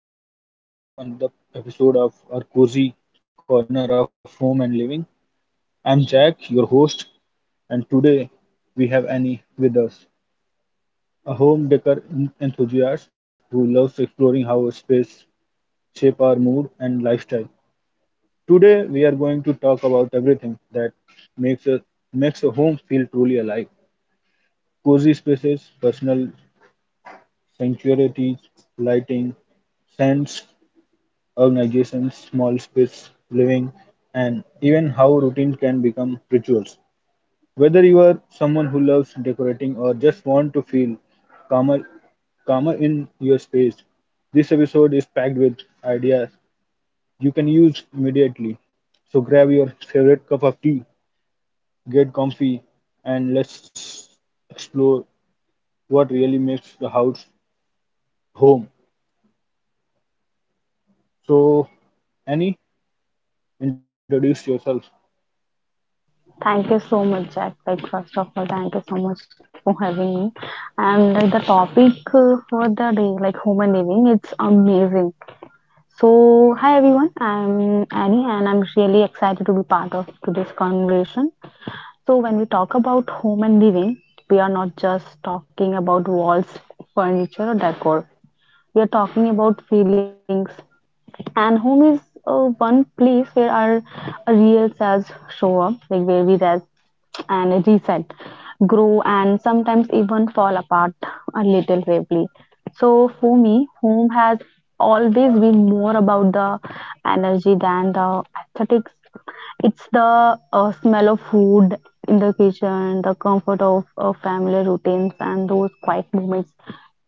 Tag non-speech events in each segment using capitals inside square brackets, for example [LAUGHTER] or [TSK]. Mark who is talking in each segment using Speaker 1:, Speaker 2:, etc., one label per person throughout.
Speaker 1: hey everyone, welcome to another episode of our cozy corner of home and living. I'm Jack, your host, and today we have Annie with us, a home decor enthusiast who loves exploring how a space shape our mood and lifestyle. Today we are going to talk about everything that makes a makes a home feel truly alive. Cozy spaces, personal sanctuaries, lighting, scents, organizations, small space living, and even how routines can become rituals. Whether you are someone who loves decorating or just want to feel calmer, calmer in your space, this episode is packed with ideas you can use immediately. So grab your favorite cup of tea, get comfy, and let's explore what really makes the house home. So, Annie, introduce yourself.
Speaker 2: Thank you so much, Jack. Like, first of all, thank you so much for having me. And like the topic for the day, like home and living, it's amazing. So, hi everyone. I'm Annie, and I'm really excited to be part of today's conversation. So, when we talk about home and living, we are not just talking about walls, furniture, or decor. We are talking about feelings, and home is one place where our real selves show up, like where we rest and reset, grow, and sometimes even fall apart a little bravely. So for me, home has always been more about the energy than the aesthetics. It's the smell of food in the kitchen, the comfort of family routines, and those quiet moments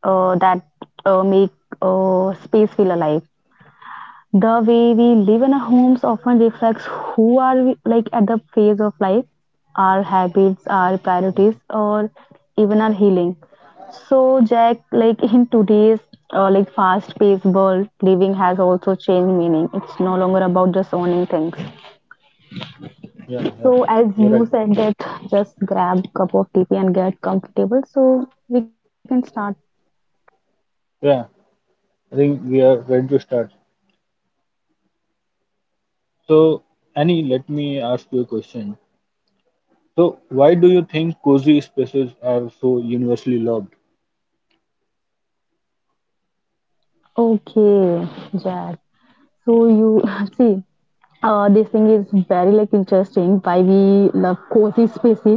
Speaker 2: that make space feel alive. The way we live in our homes often reflects who are we, like at the phase of life, our habits, our priorities, or even our healing. So, Jack, like in today's like fast paced world, living has also changed meaning. It's no longer about just owning things.
Speaker 1: Yeah, yeah,
Speaker 2: So as
Speaker 1: you're right.
Speaker 2: you said, that just grab cup of tea and get comfortable so we can start.
Speaker 1: Yeah, I think we are ready to start. So, Annie, let me ask you a question. So, why do you think cozy spaces are so universally loved?
Speaker 2: Okay, Jack. So you [LAUGHS] see, this thing is very like interesting. Why we love cozy spaces.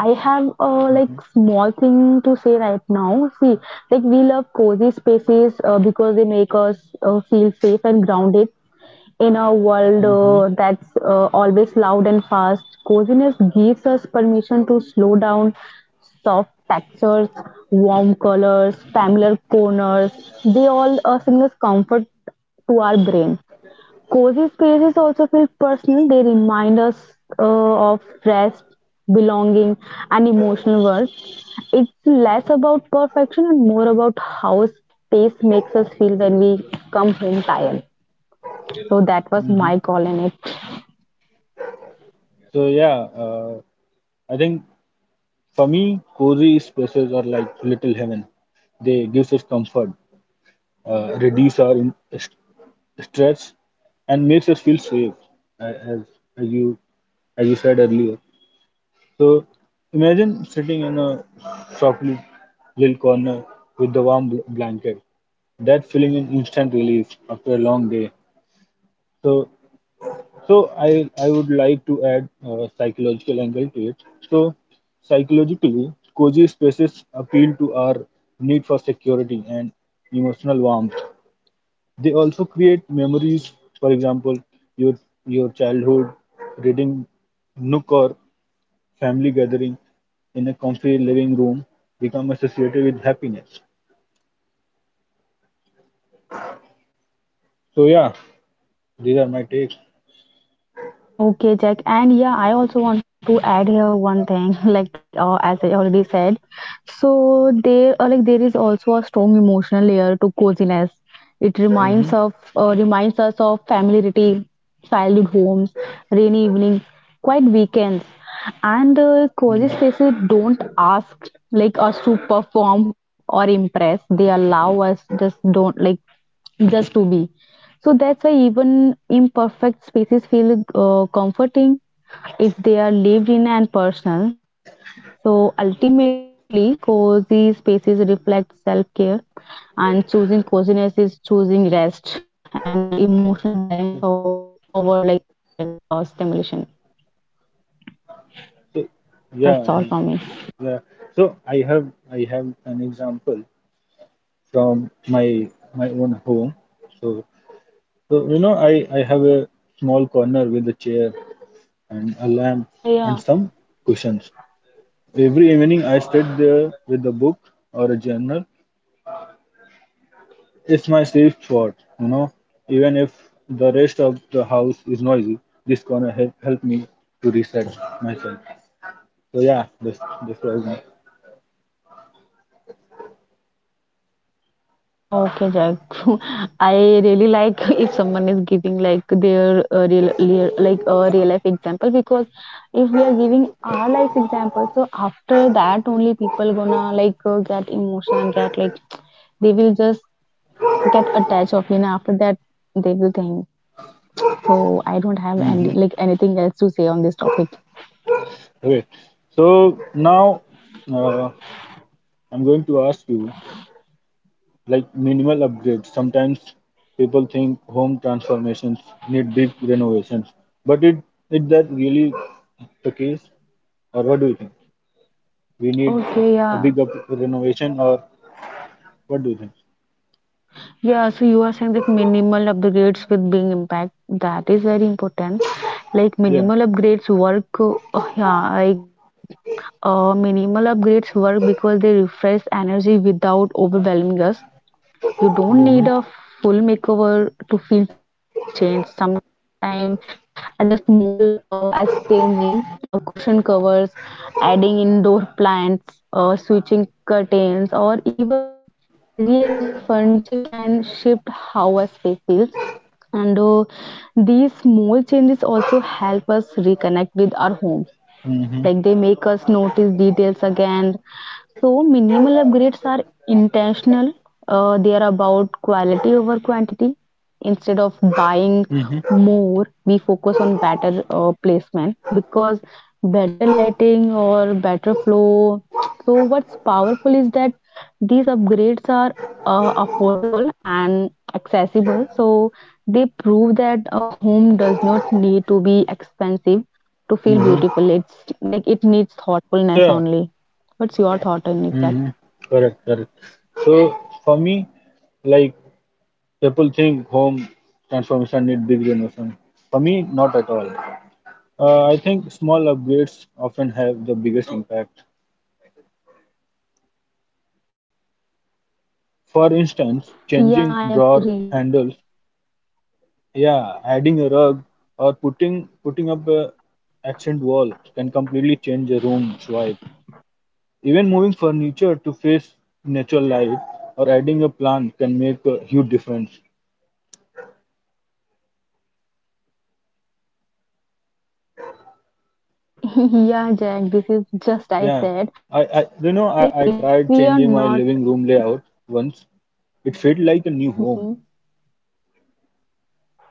Speaker 2: I have a like
Speaker 1: Mm-hmm.
Speaker 2: small thing to say right now. See, like we love cozy spaces because they make us feel safe and grounded in a world
Speaker 1: Mm-hmm.
Speaker 2: that's always loud and fast. Coziness gives us permission to slow down, soft textures, warm colors, familiar corners. They all signals comfort to our brain. Cozy spaces also feel personal. They remind us of rest, belonging, and emotional worth. It's less about perfection and more about how space makes us feel when we come home tired. So that was
Speaker 1: Mm-hmm.
Speaker 2: my call in it.
Speaker 1: So, yeah, I think for me, cozy spaces are like little heaven. They gives us comfort, reduce our in st stress, and makes us feel safe, a- as as you as you said earlier. So imagine sitting in a softly little corner with the warm blanket. That feeling is instant relief after a long day. So, so I would like to add a psychological angle to it. So, psychologically, cozy spaces appeal to our need for security and emotional warmth. They also create memories. For example, your your childhood reading nook or family gathering in a comfy living room become associated with happiness. So yeah, these are my takes.
Speaker 2: Okay, Jack. And yeah, I also want to add here one thing, [LAUGHS] like as I already said. So there, like there is also a strong emotional layer to coziness. It
Speaker 1: hmm
Speaker 2: reminds of reminds us of familiarity, childhood homes, rainy evening, quiet weekends, and
Speaker 1: hmm
Speaker 2: cozy spaces don't ask like us to perform or impress. They allow us just don't like just to be. So that's why even imperfect spaces feel comforting if they are lived in and personal. So ultimately, cozy spaces reflect self care, and choosing coziness is choosing rest and emotional balance or over like constant stimulation. That's all
Speaker 1: So
Speaker 2: from me.
Speaker 1: yeah, Annie. Yeah. So I have an example from my own home. So you know, I have a small corner with a chair and a
Speaker 2: Uh,
Speaker 1: lamp
Speaker 2: yeah.
Speaker 1: and some cushions. Every evening I sit there with a book or a journal. It's my safe spot, you know. Even if the rest of the house is noisy, this corner help me to reset myself. So yeah, this was me.
Speaker 2: Okay, Jack. [LAUGHS] I really like [LAUGHS] if someone is giving like their real like a real life example, because if we are giving our life example, so after that only people gonna like get emotional, get like they will just get attached of you. Know, after that, they will think. So I don't have
Speaker 1: hmm
Speaker 2: any like anything else to say on this topic.
Speaker 1: Okay. So now uh, I'm going to ask you, like, minimal upgrades. Sometimes people think home transformations need big renovations, but it is that really the case, or what do you think? We need
Speaker 2: Okay,
Speaker 1: a big
Speaker 2: yeah.
Speaker 1: up renovation, or what do you think?
Speaker 2: Yeah, so you are saying like minimal upgrades with being impact. That is very important. Like
Speaker 1: Yeah.
Speaker 2: minimal upgrades work, yeah, like minimal upgrades work because they refresh energy without overwhelming us.
Speaker 1: Mm-hmm.
Speaker 2: You don't need a full makeover to feel change. Sometimes a small as changing cushion covers, adding indoor plants, switching curtains, or even rearranging furniture can shift how a space feels, and these small changes also help us reconnect with our home,
Speaker 1: Mm-hmm.
Speaker 2: like they make us notice details again. So minimal upgrades are intentional. They are about quality over quantity. Instead of
Speaker 1: Mm-hmm.
Speaker 2: buying more, we focus on better placement, because better lighting or better flow. So what's powerful is that these upgrades are affordable and accessible, so they prove that a home does not need to be expensive to feel
Speaker 1: Mm-hmm.
Speaker 2: beautiful. It's like it needs thoughtfulness
Speaker 1: Sure.
Speaker 2: only. What's your thought on it, Jack?
Speaker 1: Mm-hmm. Correct. Correct. So for me, like, people think home transformation need big renovation. For me, not at all. I think small upgrades often have the biggest impact. For
Speaker 2: Yeah,
Speaker 1: instance,
Speaker 2: I agree.
Speaker 1: changing drawer handles, yeah, adding a rug or putting up a accent wall can completely change a room's vibe. Even moving furniture to face natural light or adding a plant can make a huge difference.
Speaker 2: [LAUGHS] Yeah, Jack, this is just I
Speaker 1: Yeah.
Speaker 2: said.
Speaker 1: I
Speaker 2: Like
Speaker 1: you
Speaker 2: if
Speaker 1: know I
Speaker 2: we are
Speaker 1: tried
Speaker 2: not.
Speaker 1: changing my living room layout once. It felt like a
Speaker 2: Mhm.
Speaker 1: new home.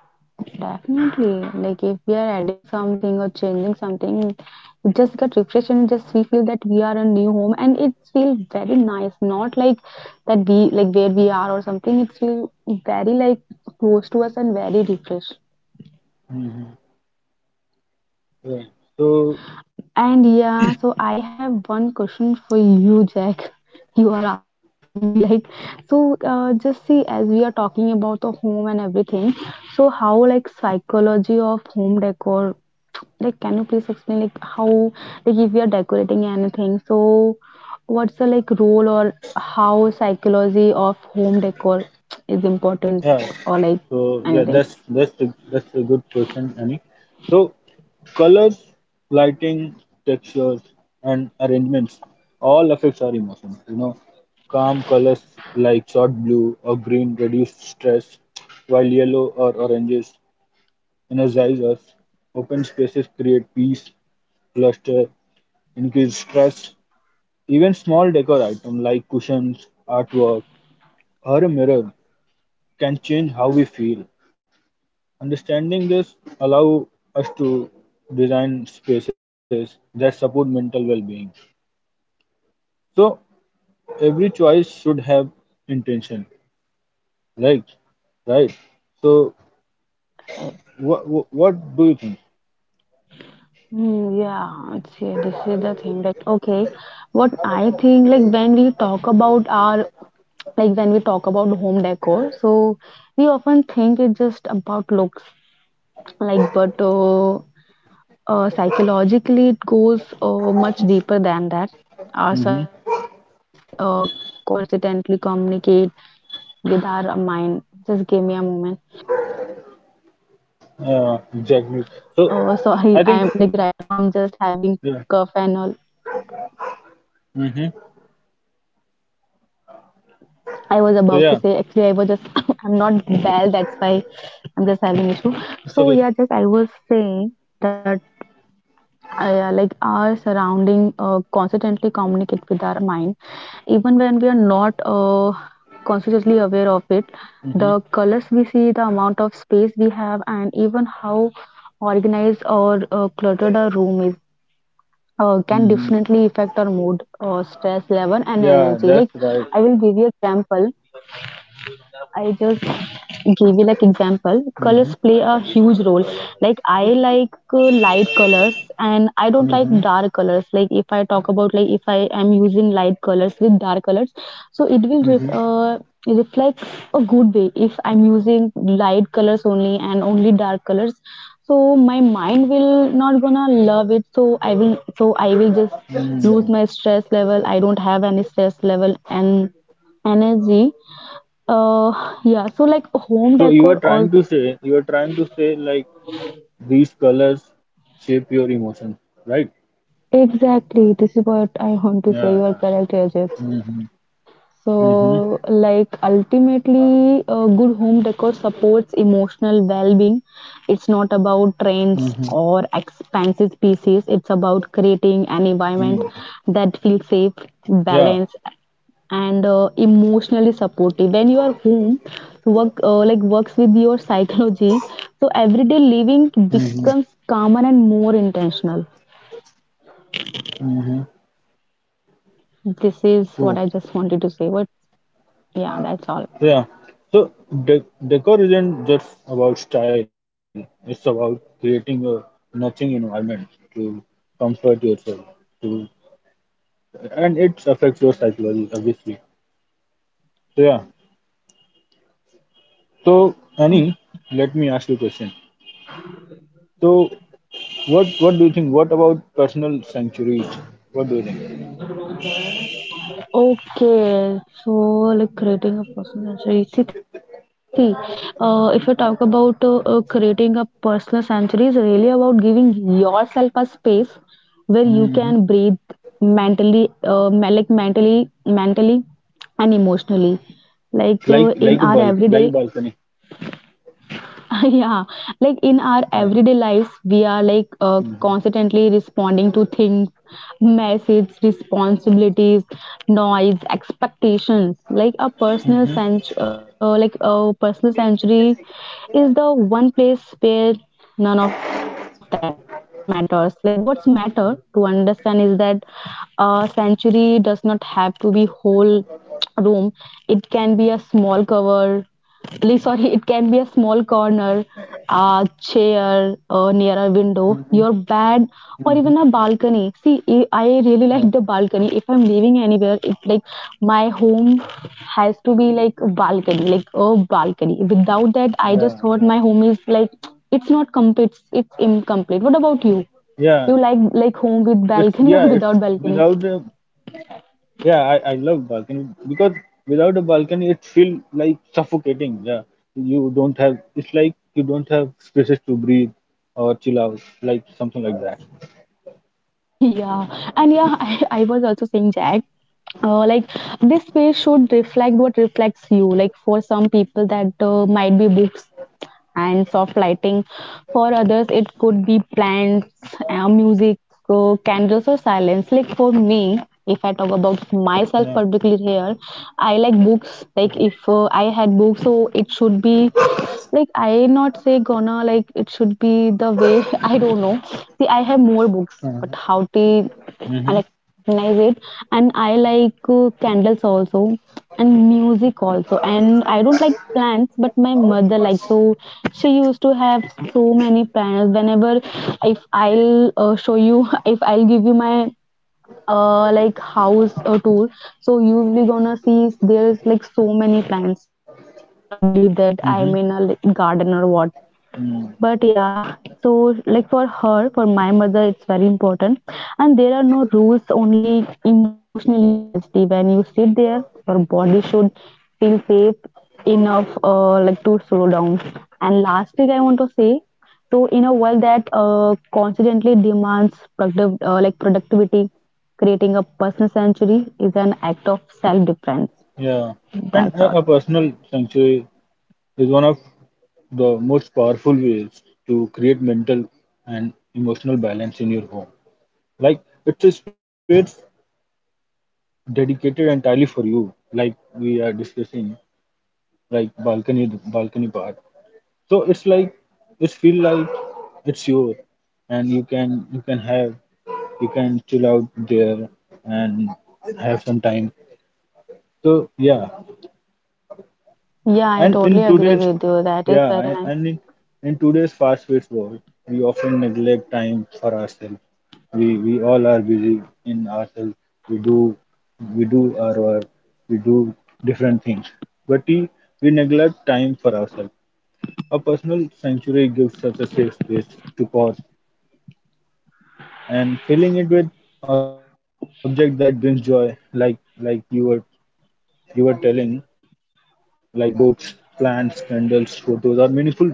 Speaker 2: Definitely, like if we are adding something or changing something, it just get refreshed and just we feel that we are a new home and it feel very nice. Not like that we like where we are or something. It feel very like close to us and very refreshed.
Speaker 1: hmm Right. So
Speaker 2: And yeah, so I have one question for you, Jack. [LAUGHS] You are asking me like, so just see as we are talking about the home and everything. So how like psychology of home decor? [TSK] Like, can you please explain like how, like if we are decorating anything? So what's the like role, or how psychology of home decor [TSK] is important,
Speaker 1: yeah.
Speaker 2: or like
Speaker 1: So yeah,
Speaker 2: anything?
Speaker 1: that's a good question, Annie. So colors, lighting, textures, and arrangements all affects our emotions. You know, calm colors like short blue or green reduce stress, while yellow or oranges energize us. Open spaces create peace, cluster, increase stress. Even small decor items like cushions, artwork, or a mirror can change how we feel. Understanding this allow us to design spaces that support mental well-being. So every choice should have intention, right? Right. So what what do you think?
Speaker 2: Mm, yeah. See, this is the thing. Like, okay, what I think, like, when we talk about our, like, when we talk about home decor, so we often think it's just about looks, like, but psychologically, it goes much deeper than that. Our
Speaker 1: Mm-hmm.
Speaker 2: surroundings constantly communicate with our mind. Just give me a moment.
Speaker 1: Yeah, exactly. So
Speaker 2: Oh, [LAUGHS] sorry,
Speaker 1: I think
Speaker 2: I'm like right now, I'm just having
Speaker 1: yeah.
Speaker 2: cough and all.
Speaker 1: Mm-hmm.
Speaker 2: I was
Speaker 1: So
Speaker 2: about to
Speaker 1: yeah,
Speaker 2: say actually I was just [LAUGHS] [COUGHS] I'm not well, that's why I'm just having issue.
Speaker 1: it's okay.
Speaker 2: So yeah, just I was saying that yeah, like our surrounding constantly communicate with our mind, even when we are not consciously. The
Speaker 1: Mm-hmm.
Speaker 2: colors we see, the amount of space we have, and even how organized or cluttered our room is. Can
Speaker 1: Mm-hmm.
Speaker 2: definitely affect our mood, stress level, and
Speaker 1: Yeah,
Speaker 2: energy.
Speaker 1: that's
Speaker 2: Like,
Speaker 1: right.
Speaker 2: I will give you an example. I just give you like example.
Speaker 1: Mm-hmm.
Speaker 2: Colors play a huge role. Like I like light colors
Speaker 1: Mm-hmm.
Speaker 2: and I colors. Like if I talk about, like if I am using light colors with dark colors, so it will reflect a good way. If I'm using light colors only and only dark colors, so my mind will not gonna love it. So I will just
Speaker 1: Mm-hmm.
Speaker 2: lose my stress level. I don't have any stress level and energy, uh, yeah, so like home
Speaker 1: So you
Speaker 2: decor
Speaker 1: are trying to
Speaker 2: also.
Speaker 1: say you are trying to say like These colors shape your emotion, right?
Speaker 2: Exactly, this is what I want to say. You are
Speaker 1: Yeah.
Speaker 2: correct, Ajay.
Speaker 1: Mm-hmm. Mm-hmm.
Speaker 2: So, like ultimately, a good home decor supports emotional well-being. It's not about trends
Speaker 1: Mm-hmm.
Speaker 2: or expensive pieces. It's about creating an environment
Speaker 1: Mm.
Speaker 2: that feels safe,
Speaker 1: Yeah.
Speaker 2: balanced, and emotionally supportive. When your home works with your [LAUGHS] psychology, so everyday living
Speaker 1: Mm-hmm.
Speaker 2: becomes calmer and more intentional.
Speaker 1: Mm-hmm.
Speaker 2: This is what
Speaker 1: Oh,
Speaker 2: I just wanted to say. But yeah, that's all.
Speaker 1: yeah. So decor isn't just about style. It's about creating a nurturing environment to comfort yourself. To, and it affects your psychology, obviously. So yeah. So Annie, let me ask you a question. So what do you think? What about personal sanctuaries? What do you think?
Speaker 2: Okay, so like creating a personal century. Sithi, if you talk about creating a personal sanctuary, is really about giving yourself a space where you
Speaker 1: hmm
Speaker 2: can breathe mentally, like mentally, and emotionally. Like in
Speaker 1: Like
Speaker 2: our
Speaker 1: like a
Speaker 2: everyday
Speaker 1: balcony, like a balcony.
Speaker 2: [LAUGHS] yeah, like in our everyday
Speaker 1: Yeah.
Speaker 2: lives we are like constantly responding to things, messages, responsibilities, noise, expectations. Like a personal century is the one place where none of that matters. Like what's matter to understand is that a century does not have to be whole room. It can be a small cover. Sorry, it can be a small corner, a chair, or near a window, your
Speaker 1: Mm-hmm.
Speaker 2: bed, or even a
Speaker 1: hmm
Speaker 2: balcony. See, I the
Speaker 1: Yeah.
Speaker 2: balcony, if I'm living anywhere, it like my home has to be like a balcony, like a balcony. Without that I just thought
Speaker 1: Yeah.
Speaker 2: my home
Speaker 1: Yeah.
Speaker 2: is like it's not complete, it's incomplete. What about you?
Speaker 1: Yeah.
Speaker 2: You like home
Speaker 1: It's
Speaker 2: with
Speaker 1: yeah.
Speaker 2: balcony [LAUGHS] or
Speaker 1: It's
Speaker 2: without
Speaker 1: without
Speaker 2: balcony?
Speaker 1: a Yeah. I love balcony because without a balcony, it feel like suffocating. Yeah. You don't have. It's like you don't have spaces to breathe or chill out, like something like that.
Speaker 2: [LAUGHS] Yeah, and yeah, [LAUGHS] I was also saying, Jack, like this space should reflect what reflects you. Like people that might be books and soft lighting. For others, it could be plants, music, candles, or silence. Like for me, if I talk about myself
Speaker 1: Yeah.
Speaker 2: particularly here, I like books.
Speaker 1: Yeah.
Speaker 2: Like if I had books, so it should be like, I not say gonna like it should be the way. [LAUGHS] I don't know. See, I have more books but how to
Speaker 1: Mm-hmm.
Speaker 2: recognize it. And I like candles also and music also, and I don't like plants but my mother like, so she used to have so many plants. Whenever if I'll show you, [LAUGHS] if I'll give you my like house tour, so you'll gonna see there's like so many plants. You cannot believe that I'm in a
Speaker 1: Mm-hmm.
Speaker 2: garden or what. But
Speaker 1: Mm.
Speaker 2: yeah, so like for her, for my mother, it's very important. And there are no rules, only emotionally honesty. When you sit there, your body should feel safe enough, like to slow down. And lastly, I want to say, so in a world that constantly demands productive, like productivity, creating a personal sanctuary is an act of self-defense.
Speaker 1: Yeah. And a
Speaker 2: That's
Speaker 1: personal
Speaker 2: all.
Speaker 1: sanctuary is one of the most powerful way is to create mental and emotional balance in your home. Like, it's a space dedicated entirely for you, like we are discussing, like balcony part. So it's like it feel like it's yours and you can chill out there and have some time. So yeah. And in
Speaker 2: Yeah, I
Speaker 1: today's
Speaker 2: totally agree
Speaker 1: yeah,
Speaker 2: with you. That is very nice.
Speaker 1: in today's fast-paced world, we often neglect time for ourselves. We all are busy in ourselves. We do we do our work. We do different things, but we neglect time for ourselves. A personal sanctuary gives us a safe space to pause, and filling it with objects that brings joy, like you were telling, like books, plants, candles, photos, or meaningful decor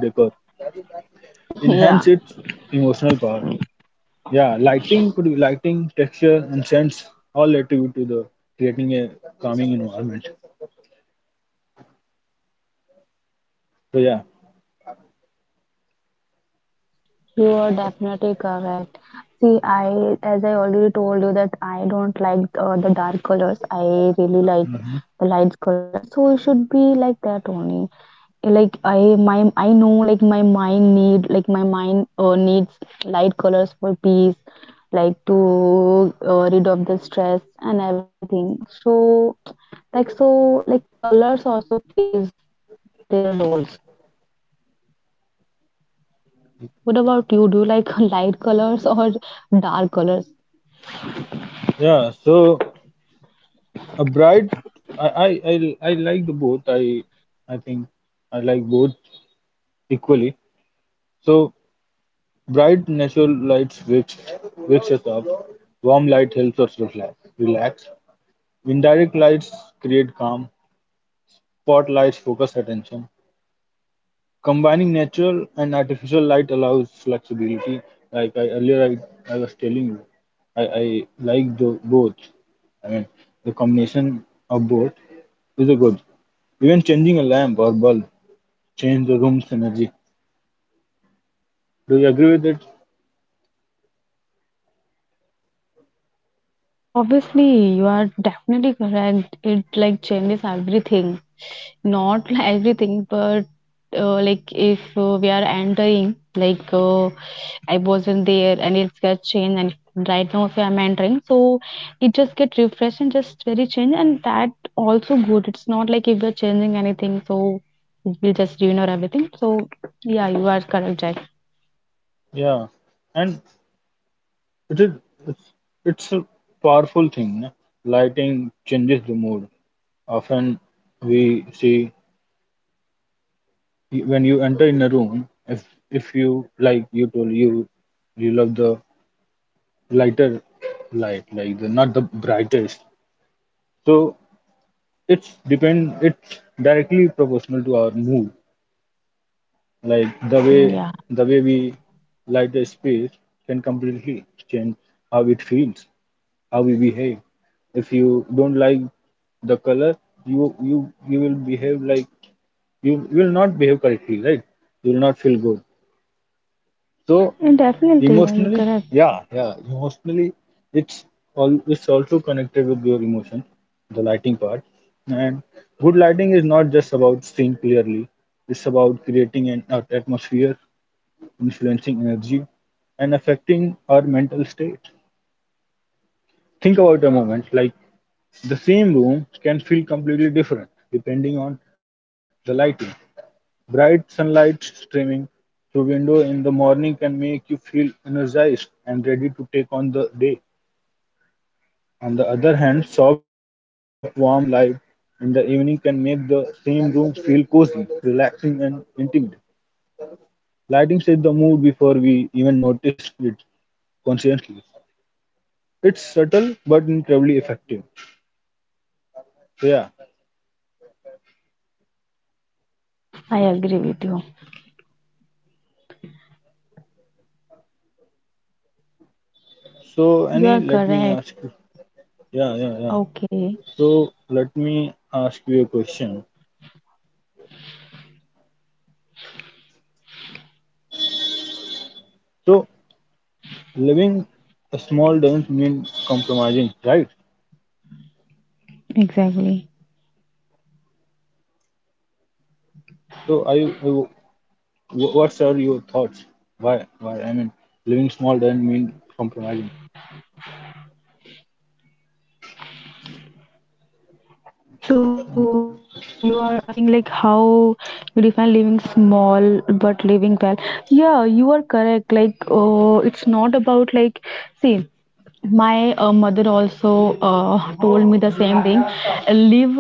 Speaker 1: enhance its
Speaker 2: [LAUGHS] Yeah.
Speaker 1: emotional power. Yeah, lighting could be lighting, texture, and sense all attribute to the creating a calming environment. So yeah,
Speaker 2: You are definitely correct. See, as I already told you that I don't like the dark colors. I really like the light colors. So it should be like that only. Like I know like my mind need, like my mind needs.
Speaker 1: yeah. So a bright, I like the both. I think I like both equally. So bright natural lights wakes us up. Warm light helps us relax. Relax. Indirect lights create calm. Spotlights focus attention. Combining natural and artificial light allows flexibility. Like I earlier, I was telling you, I like the, both. I mean, the combination of both is a good. Even changing a lamp or bulb change the room's energy. Do you agree with it?
Speaker 2: Obviously, you are definitely correct. It like changes everything. Not [LAUGHS] like everything, but like if we are entering, like I wasn't there and it gets changed, and if- right now if I'm entering, so it just get refreshed and just very change, and that also good. It's not like if we're changing anything, so it will just ruin or everything. So yeah, you are correct, Jack.
Speaker 1: Yeah, and it is it's, it's a powerful thing. Na? Lighting changes the mood. Often we see when you enter in a room, if you like, you told you you love the lighter light, like the, not the brightest. So it's depend. It's directly proportional to our mood. Like the
Speaker 2: Mm, yeah,
Speaker 1: way the way we light a space can completely change how it feels, how we behave. If you don't like the color, you will behave like you will not behave correctly, right? You will not feel good. So
Speaker 2: and definitely, yeah, you're
Speaker 1: Emotionally,
Speaker 2: correct.
Speaker 1: yeah, yeah. Emotionally, it's it's also connected with your emotion, the lighting part. And good lighting is not just about seeing clearly. It's about creating an atmosphere, influencing energy, and affecting our mental state. Think about a moment, like, the same room can feel completely different depending on the lighting. Bright sunlight streaming through window in the morning can make you feel energized and ready to take on the day. On the other hand, soft, warm light in the evening can make the same room feel cozy, relaxing, and intimate. Lighting sets the mood before we even notice it consciously. It's subtle but incredibly effective. So, yeah. So, Annie, let me ask you. Yeah, yeah, yeah. So, let me ask you a question. So, living small doesn't mean compromising, right?
Speaker 2: Exactly.
Speaker 1: So, What are your thoughts? Why? Why? I mean, living small doesn't mean compromising.
Speaker 2: So, like you are asking, like how you define living small but living well. Yeah, you are correct. Like, it's not about like, see, my mother also told me the same thing. Live like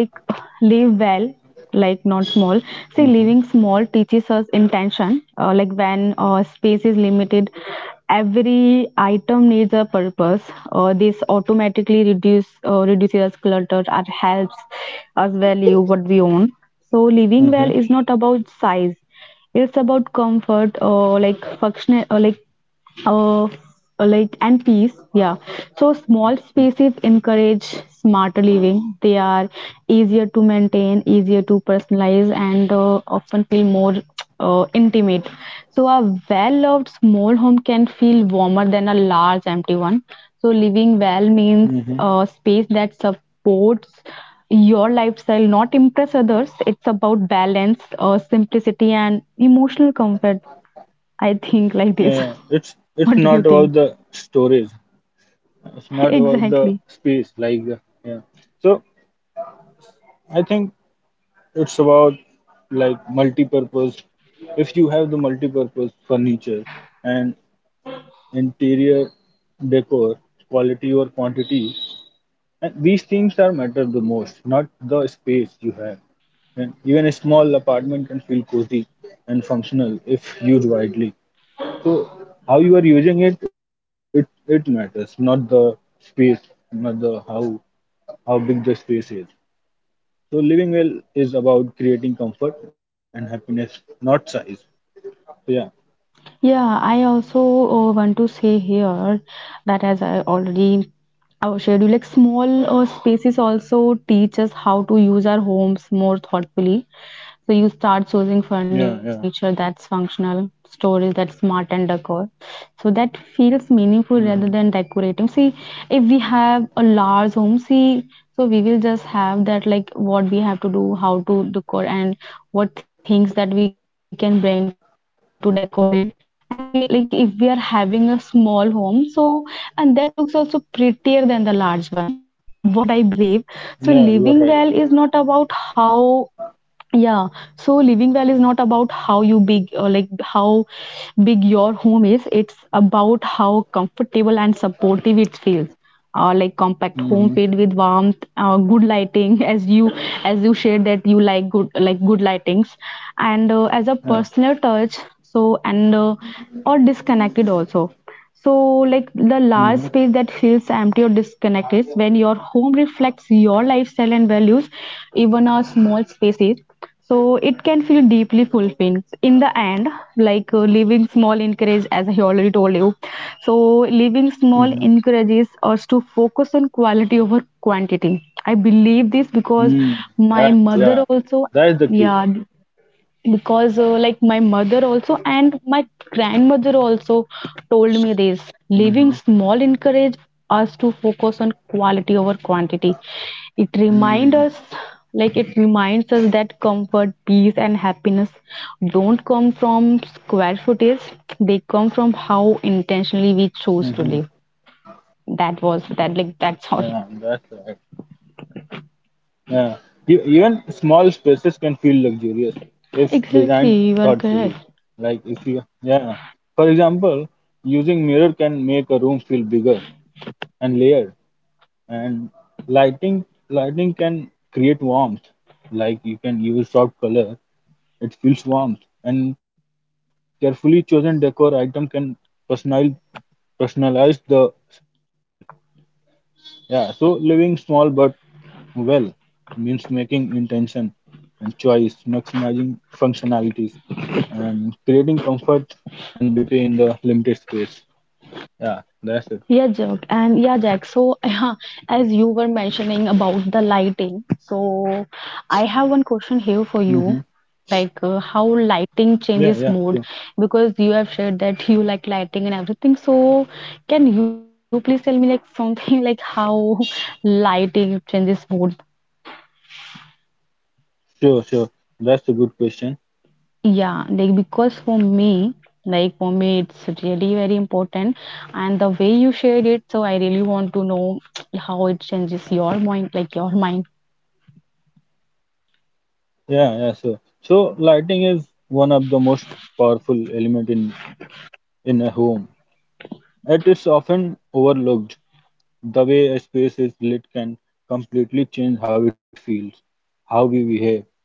Speaker 2: live well, like not small. See, living small
Speaker 1: Mm-hmm.
Speaker 2: teaches us intention, like when space is limited, every item needs a purpose. This automatically reduces us clutter and helps us value what we own. So living well
Speaker 1: Mm-hmm.
Speaker 2: is not about size, it's about comfort, or like functional, or like uh, like, and peace. Yeah, so small spaces encourage smarter living. They are easier to maintain, easier to personalize, and often feel more intimate. So a well loved small home can feel warmer than a large empty one. So living well means
Speaker 1: Mm-hmm.
Speaker 2: a space that supports your lifestyle, not impress others. It's about balance, simplicity, and emotional comfort. I think like
Speaker 1: Yeah,
Speaker 2: this.
Speaker 1: it's
Speaker 2: [LAUGHS]
Speaker 1: not
Speaker 2: What do you
Speaker 1: about the
Speaker 2: think?
Speaker 1: storage. It's not
Speaker 2: [LAUGHS]
Speaker 1: about the
Speaker 2: Exactly.
Speaker 1: space. Like yeah. So I think it's about like multi-purpose. If you have the multi-purpose furniture and interior decor, quality or quantity, and these things are matter the most, not the space you have. And even a small apartment can feel cozy and functional if used widely. So how you are using it, it matters, not the space, not the how big the space is. So living well is about creating comfort and happiness, not size. So yeah,
Speaker 2: Yeah, I also want to say here that, as I already, our schedule, like small spaces also teach us how to use our homes more thoughtfully. So you start choosing furniture
Speaker 1: yeah, yeah.
Speaker 2: that's functional, storage that's smart, and decor. So that feels meaningful rather than
Speaker 1: hmm
Speaker 2: decorating. See, if we have a large home, see, so we will just have that, like what we have to do, how to decor and what things that we can bring to decorate. And we, like if we are having a small home, so, and that looks also prettier than the large one. [LAUGHS] What I believe, so
Speaker 1: Yeah,
Speaker 2: living
Speaker 1: you are
Speaker 2: well is
Speaker 1: right.
Speaker 2: not about how. Yeah, so living well is not about how you big or your home is, it's about how comfortable and supportive it feels. Like compact home filled with
Speaker 1: Mm-hmm.
Speaker 2: warmth, good lighting, [LAUGHS] as you, as you shared that you like good, good lightings, and as a personal
Speaker 1: Yeah.
Speaker 2: touch. So and Or disconnected also, so, like the large space
Speaker 1: Mm-hmm.
Speaker 2: that feels empty or disconnected is, when your home reflects your lifestyle and values, even a small space is. So, it can feel deeply fulfilling. In the end, like living small encourages, as I already told you. So, living small
Speaker 1: Mm-hmm.
Speaker 2: encourages us to focus on quality over quantity. I believe this because
Speaker 1: Mm,
Speaker 2: my mother
Speaker 1: yeah,
Speaker 2: also,
Speaker 1: that is
Speaker 2: yeah,
Speaker 1: the key.
Speaker 2: because like my mother also and my grandmother also told me this. Living small
Speaker 1: Mm-hmm.
Speaker 2: encourage us to focus on quality over quantity. It remind us
Speaker 1: Mm-hmm.
Speaker 2: like it reminds us that comfort, peace and happiness don't come from square footage. They come from how intentionally we
Speaker 1: Mm-hmm.
Speaker 2: choose to live. That was that, like that's
Speaker 1: Yeah,
Speaker 2: all.
Speaker 1: that's right. Yeah. Even small spaces can feel luxurious if
Speaker 2: [LAUGHS]
Speaker 1: designed
Speaker 2: Exactly, you are
Speaker 1: thoughtfully.
Speaker 2: correct.
Speaker 1: Like if you, yeah. For example, using mirror can make a room feel bigger and layered, and lighting can create warmth. Like you can use soft color, it feels warmth, and carefully chosen decor item can personal personalize the spaces. Yeah, so living small but well means making intention and choice, maximizing functionalities, and creating comfort and beauty in the limited space. Yeah, that's it.
Speaker 2: Yeah, Jack, and yeah, Jack. So, [LAUGHS] yeah, as you were mentioning about the lighting, so I have one question here for
Speaker 1: Mm-hmm.
Speaker 2: you, like how lighting
Speaker 1: Yeah,
Speaker 2: changes mood, because you have shared that you like lighting and everything. So, can you please tell me like something, [LAUGHS] like how lighting changes mood?
Speaker 1: sure. That's a good question.
Speaker 2: Yeah, like because for me, it's really very important, and the way you shared it, so I really want to know [TSK] how it changes your mind, like your mind.
Speaker 1: Yeah, yeah, sure. So lighting is one of the most powerful element in a home. It is often overlooked. The way a space is lit can completely change how it feels, how we behave,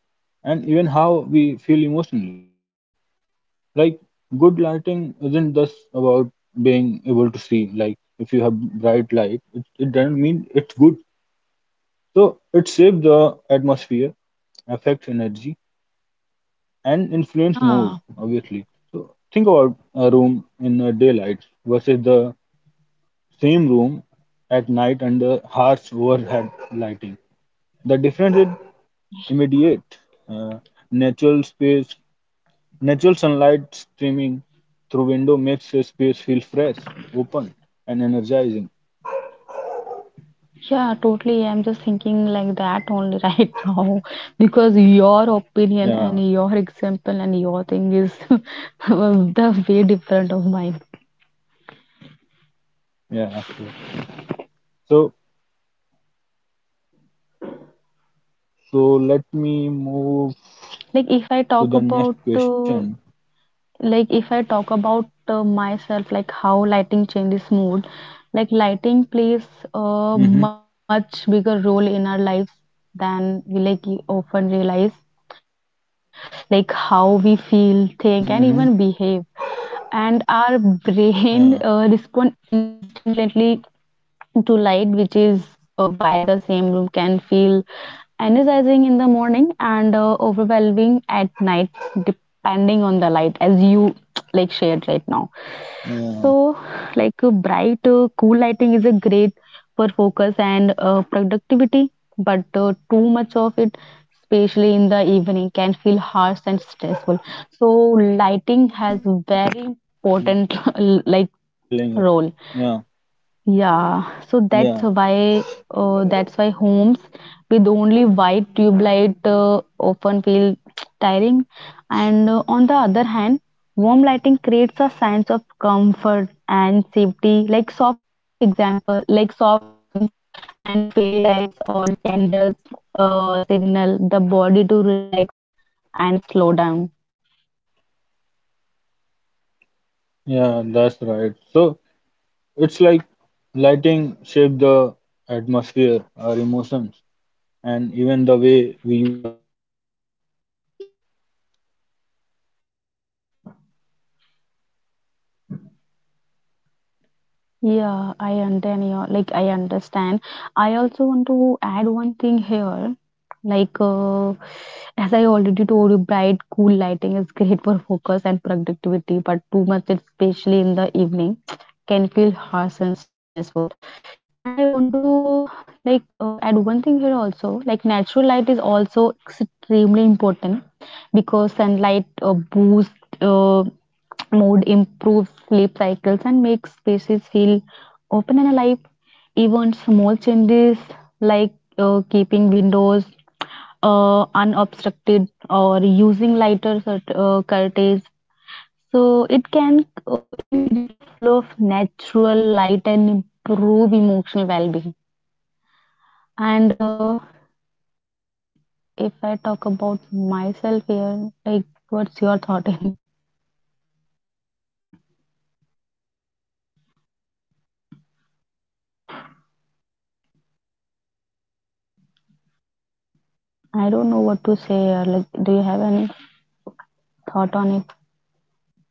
Speaker 1: and even how we feel emotionally. Like, good lighting isn't just about being able to see. Like, if you have bright light, it doesn't mean it's good. So, it shapes the atmosphere, affects energy, and influence
Speaker 2: Yeah,
Speaker 1: mood, obviously. So, think about a room in daylight versus the same room at night under harsh overhead lighting. The difference is immediate. Uh, natural space, Natural sunlight streaming through window makes a space feel fresh, open, and energizing.
Speaker 2: yeah, totally. I'm just thinking like that only [LAUGHS] right now, because your opinion
Speaker 1: Yeah,
Speaker 2: and your example and your thing is [LAUGHS] the way different of mine.
Speaker 1: yeah, sure. So, so let me move
Speaker 2: Like if I
Speaker 1: to the
Speaker 2: talk
Speaker 1: next
Speaker 2: about
Speaker 1: question.
Speaker 2: uh, like if I talk about myself, like how lighting changes mood. Like lighting plays a
Speaker 1: Mm-hmm.
Speaker 2: much bigger role in our lives than we like often realize, like how we feel,
Speaker 1: Mm-hmm.
Speaker 2: think and even behave. And our
Speaker 1: Yeah,
Speaker 2: brain respond instantly to light, which is why the same room can feel energizing in the morning and overwhelming at night, depending on the light, as you [TSK] like shared right now. So,
Speaker 1: yeah,
Speaker 2: like bright, cool lighting is a great for focus and productivity, but too much of it, especially in the evening, can harsh and stressful. So, lighting
Speaker 1: yeah,
Speaker 2: has
Speaker 1: yeah.
Speaker 2: very
Speaker 1: That's what
Speaker 2: important
Speaker 1: I
Speaker 2: [LAUGHS]
Speaker 1: was
Speaker 2: like
Speaker 1: telling you.
Speaker 2: role.
Speaker 1: Yeah,
Speaker 2: Yeah,
Speaker 1: yeah,
Speaker 2: so that's why that's why homes with only white tube light often feel tiring. And on the other hand, warm lighting creates a sense of comfort and safety, like soft example, like soft lamps and fairy lights or candles signal the body to relax and slow down.
Speaker 1: yeah. That's right. So it's like lighting shapes the atmosphere, our emotions, and even the way we use our home, right?
Speaker 2: Yeah, I understand. I understand. I also want to add one thing here.
Speaker 1: So,
Speaker 2: Like, as I already
Speaker 1: yeah,
Speaker 2: told you, bright, cool lighting is great for focus and
Speaker 1: with that,
Speaker 2: productivity,
Speaker 1: I
Speaker 2: but too much,
Speaker 1: think we
Speaker 2: especially
Speaker 1: are
Speaker 2: in the
Speaker 1: done.
Speaker 2: evening,
Speaker 1: So,
Speaker 2: [TSK] can feel harsh and
Speaker 1: we
Speaker 2: stressful.
Speaker 1: come to the end
Speaker 2: And I
Speaker 1: of
Speaker 2: want to
Speaker 1: today's conversation.
Speaker 2: like add one thing here
Speaker 1: So,
Speaker 2: also. Like,
Speaker 1: we
Speaker 2: natural light
Speaker 1: talked
Speaker 2: is also
Speaker 1: we talked about
Speaker 2: extremely
Speaker 1: cozy
Speaker 2: important,
Speaker 1: spaces, small
Speaker 2: because
Speaker 1: upgrades,
Speaker 2: sunlight
Speaker 1: lighting,
Speaker 2: boosts
Speaker 1: sense
Speaker 2: mood, improves
Speaker 1: organization,
Speaker 2: sleep cycles,
Speaker 1: and
Speaker 2: and
Speaker 1: the
Speaker 2: makes
Speaker 1: little
Speaker 2: spaces
Speaker 1: ritual
Speaker 2: feel
Speaker 1: that turns the
Speaker 2: open and
Speaker 1: house
Speaker 2: alive.
Speaker 1: into a home.
Speaker 2: Even small
Speaker 1: What we
Speaker 2: changes
Speaker 1: really learn
Speaker 2: like
Speaker 1: is
Speaker 2: keeping
Speaker 1: that a home
Speaker 2: windows
Speaker 1: isn't about size or perfection.
Speaker 2: unobstructed or
Speaker 1: It's about
Speaker 2: using lighter cert- uh, curtains.
Speaker 1: how it makes you
Speaker 2: So
Speaker 1: feel.
Speaker 2: it can increase the
Speaker 1: So
Speaker 2: flow of
Speaker 1: your house should
Speaker 2: natural
Speaker 1: support
Speaker 2: light
Speaker 1: your
Speaker 2: and
Speaker 1: mood,
Speaker 2: improve
Speaker 1: calm your
Speaker 2: emotional
Speaker 1: mind,
Speaker 2: well-being.
Speaker 1: and reflect
Speaker 2: And
Speaker 1: who you are. Even small changes
Speaker 2: if I
Speaker 1: like a
Speaker 2: talk about
Speaker 1: lamp, a
Speaker 2: myself
Speaker 1: corner,
Speaker 2: here, like
Speaker 1: a
Speaker 2: what's
Speaker 1: routine
Speaker 2: your thought?
Speaker 1: can make
Speaker 2: [LAUGHS]
Speaker 1: a big difference. So thank you for listening and sharing this moment with us. Uh, so take care and
Speaker 2: I
Speaker 1: slow
Speaker 2: don't know
Speaker 1: down
Speaker 2: what
Speaker 1: and
Speaker 2: to
Speaker 1: keep
Speaker 2: say.
Speaker 1: building a
Speaker 2: Like, do
Speaker 1: home
Speaker 2: you
Speaker 1: that
Speaker 2: have any
Speaker 1: truly feels like home.
Speaker 2: thought on it?
Speaker 1: Thank you.